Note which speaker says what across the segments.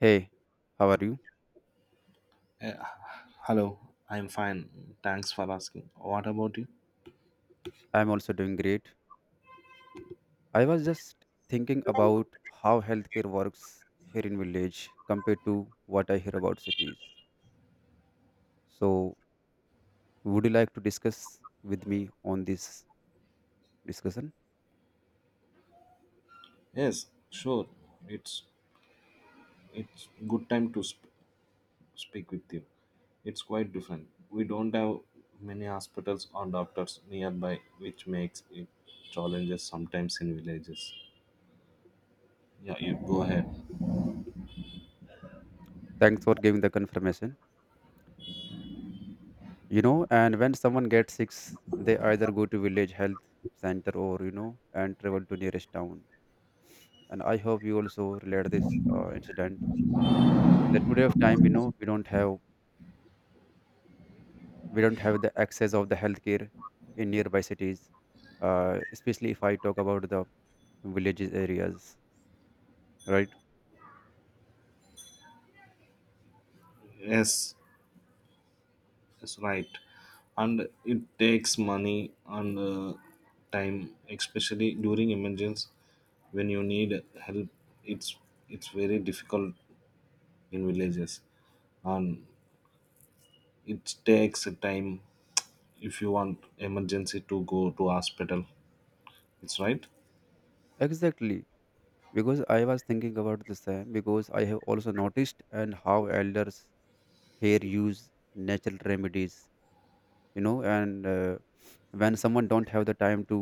Speaker 1: Hey, how are you?
Speaker 2: Uh, hello, I'm fine. Thanks for asking. What about you?
Speaker 1: I'm also doing great. I was just thinking about how healthcare works here in village compared to what I hear about cities. So, would you like to discuss with me on this discussion?
Speaker 2: Yes, sure. It's it's good time to speak with you. It's quite different. We don't have many hospitals or doctors nearby, which makes it challenges sometimes in villages. Yeah, you go ahead.
Speaker 1: Thanks for giving the confirmation. You know, and when someone gets sick, they either go to village health center or you know and travel to nearest town. And I hope you also relate this incident. In the today of time, you know, we don't have the access of the healthcare in nearby cities especially if I talk about the villages areas right.
Speaker 2: Yes, that's right. And it takes money and time, especially during emergencies when you need help. It's it's very difficult in villages, and it takes time if you want emergency to go to hospital. It's right.
Speaker 1: Exactly, because I was thinking about the same because I have also noticed and how elders here use natural remedies you know and when someone don't have the time to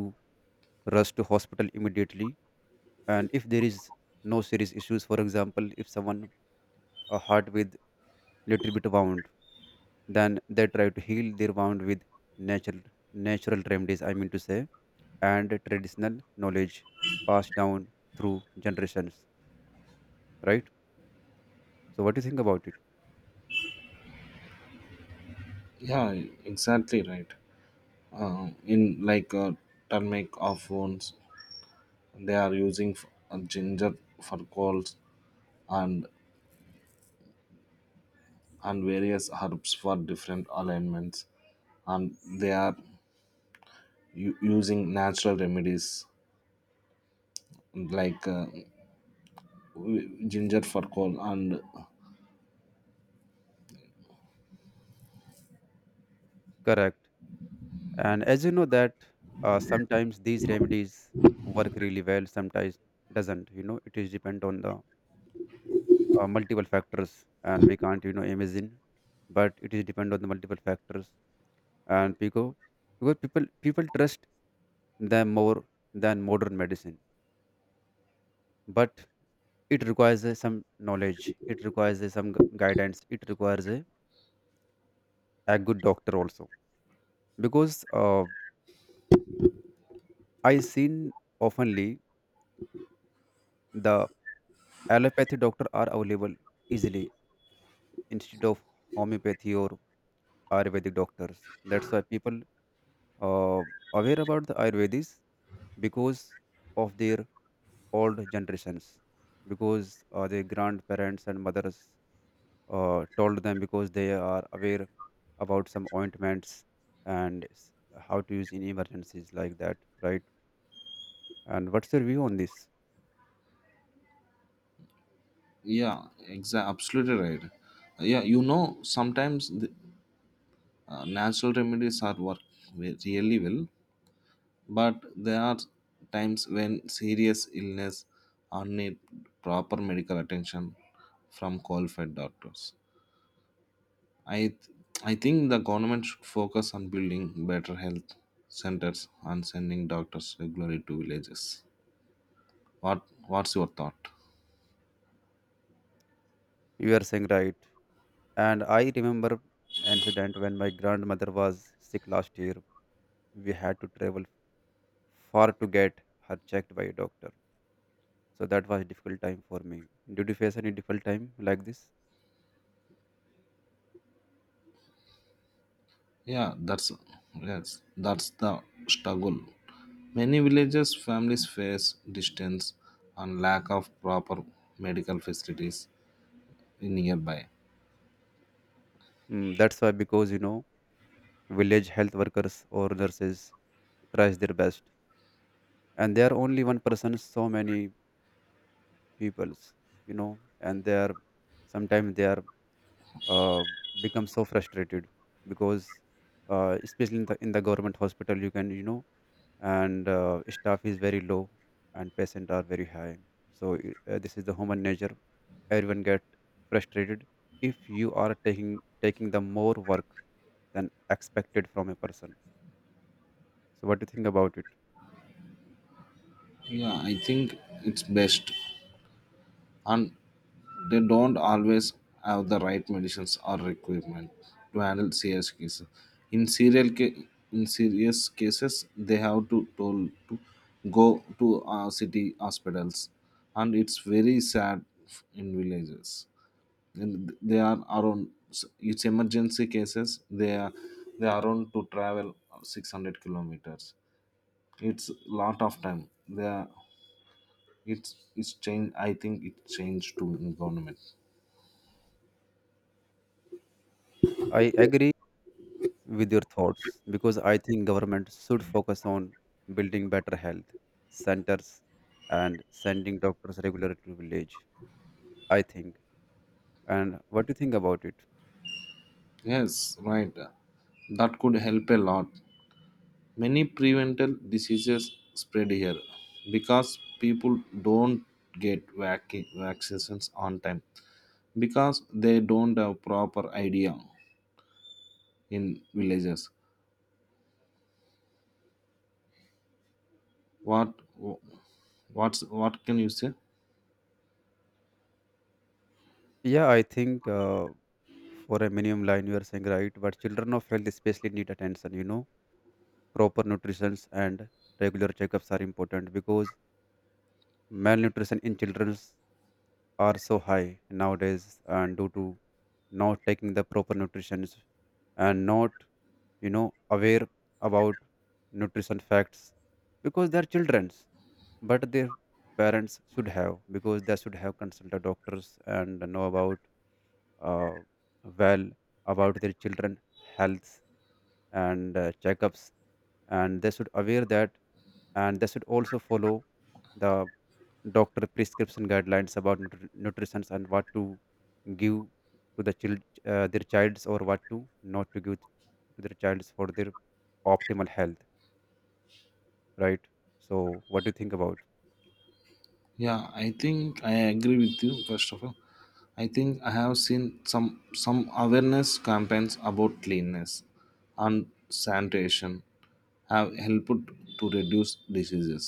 Speaker 1: rush to hospital immediately, and if there is no serious issues, for example if someone a heart with little bit wound. Then they try to heal their wound with natural natural remedies. I mean to say, and traditional knowledge passed down through generations. Right. So what do you think about it?
Speaker 2: Yeah, exactly right. In like turmeric of wounds, they are using ginger for colds and and various herbs for different ailments, and they are using natural remedies like ginger for cold and
Speaker 1: Correct. And as you know that sometimes these remedies work really well, sometimes doesn't. You know, it is depend on the multiple factors, and we can't you know imagine, but it is depend on the multiple factors. And people, because people trust them more than modern medicine. But it requires some knowledge, it requires some gu- guidance, it requires a good doctor also because I seen oftenly the allopathy doctor are available easily instead of homeopathy or ayurvedic doctors. That's why people uh, aware about the ayurvedis because of their old generations because their grandparents and mothers told them because they are aware about some ointments and how to use in emergencies like that, right? And what's your view on this?
Speaker 2: yeah, exactly, absolutely right. Yeah, you know, sometimes the natural remedies are work really well, but there are times when serious illness or need proper medical attention from qualified doctors. I I think the government should focus on building better health centers and sending doctors regularly to villages. What's your thought?
Speaker 1: You are saying right. And I remember an incident when my grandmother was sick last year. We had to travel far to get her checked by a doctor. So that was a difficult time for me. Did you face any difficult time like this?
Speaker 2: Yeah, that's yes, that's the struggle. Many villages families face distance and lack of proper medical facilities nearby.
Speaker 1: Mm, that's why because you know village health workers or nurses tries their best, and they are only one person so many peoples you know, and they are sometimes they are uh, become so frustrated because especially in the government hospital you can you know, and staff is very low and patient are very high. So this is the human nature. Everyone get frustrated if you are taking the more work than expected from a person. So what do you think about it?
Speaker 2: Yeah, I think it's best, and they don't always have the right medicines or requirement to handle serious cases. In serial ca- in serious cases, they have to told to go to city hospitals, and it's very sad in villages. And they are around it's emergency cases. They are around to travel 600 kilometers. It's lot of time. They are, it's it's change. I think it changed to government.
Speaker 1: I agree with your thoughts because I think government should focus on building better health centers and sending doctors regularly to village. I think. And what do you think about it?
Speaker 2: Yes, right. That could help a lot. Many preventable diseases spread here because people don't get vaccinations on time because they don't have proper idea in villages. What what can you say?
Speaker 1: Yeah, I think for a minimum line you are saying right, but children of health especially need attention. You know, proper nutrition and regular checkups are important because malnutrition in children are so high nowadays, and due to not taking the proper nutrition and not you know aware about nutrition facts because they're children's, but their parents should have, because they should have consulted doctors and know about uh, well about their children health and checkups, and they should aware that, and they should also follow the doctor prescription guidelines about nutrition and what to give to the child, their childs or what to not to give to their childs for their optimal health, right? So what do you think about?
Speaker 2: Yeah, I think I agree with you. First of all, I think I have seen some awareness campaigns about cleanness and sanitation have helped to reduce diseases.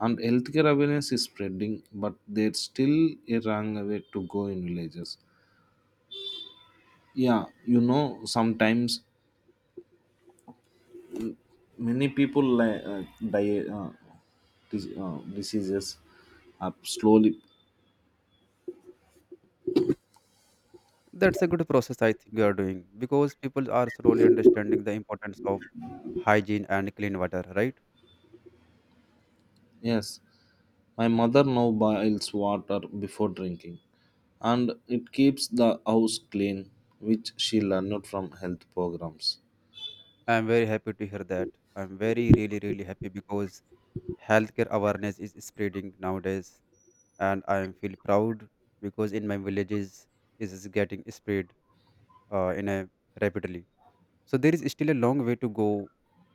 Speaker 2: And healthcare awareness is spreading, but there's still a long way to go in villages. Yeah, you know, sometimes many people die diseases up slowly.
Speaker 1: That's a good process I think you are doing because people are slowly understanding the importance of hygiene and clean water, right?
Speaker 2: Yes, my mother now boils water before drinking, and it keeps the house clean, which she learned from health programs.
Speaker 1: I'm very happy to hear that. I'm very really really happy because healthcare awareness is spreading nowadays, and I am feel proud because in my villages is getting spread in a rapidly. So there is still a long way to go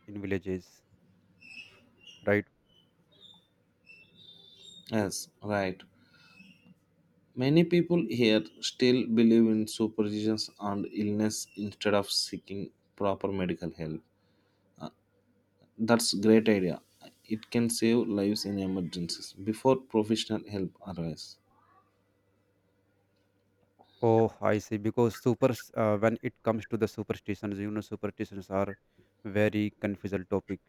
Speaker 1: in villages, right?
Speaker 2: Yes, right. Many people here still believe in superstitions and illness instead of seeking proper medical help. That's great idea. It can save lives in emergencies before professional help arrives.
Speaker 1: Oh, I see. Because when it comes to the superstitions, you know, superstitions are very confusing topic.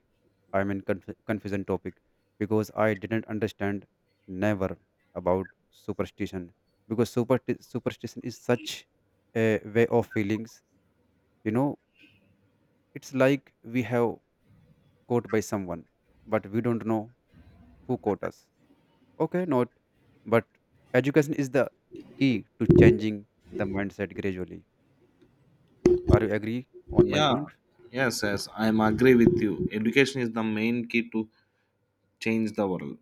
Speaker 1: I mean, confusing topic because I didn't understand never about superstition because superstition is such a way of feelings. You know, it's like we have caught by someone, but we don't know who caught us. Okay, not, but education is the key to changing the mindset gradually. Are you agree on my
Speaker 2: Yeah,
Speaker 1: point?
Speaker 2: yes, I'm agree with you. Education is the main key to change the world.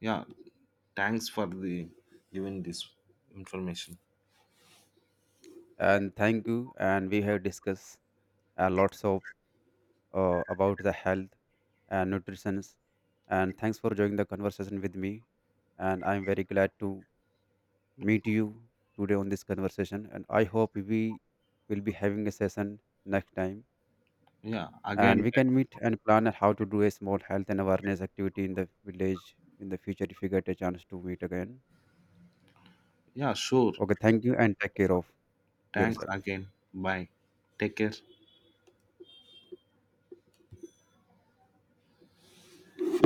Speaker 2: Yeah, thanks for the giving this information.
Speaker 1: And thank you. And we have discussed lots of about the health and nutrition. And thanks for joining the conversation with me. And I'm very glad to meet you today on this conversation. And I hope we will be having a session next time.
Speaker 2: Yeah,
Speaker 1: And
Speaker 2: again.
Speaker 1: we can meet and plan on how to do a small health and awareness activity in the village in the future if you get a chance to meet again.
Speaker 2: Yeah, sure.
Speaker 1: Okay, thank you and take care of
Speaker 2: Thanks
Speaker 1: yourself.
Speaker 2: again. Bye, take care.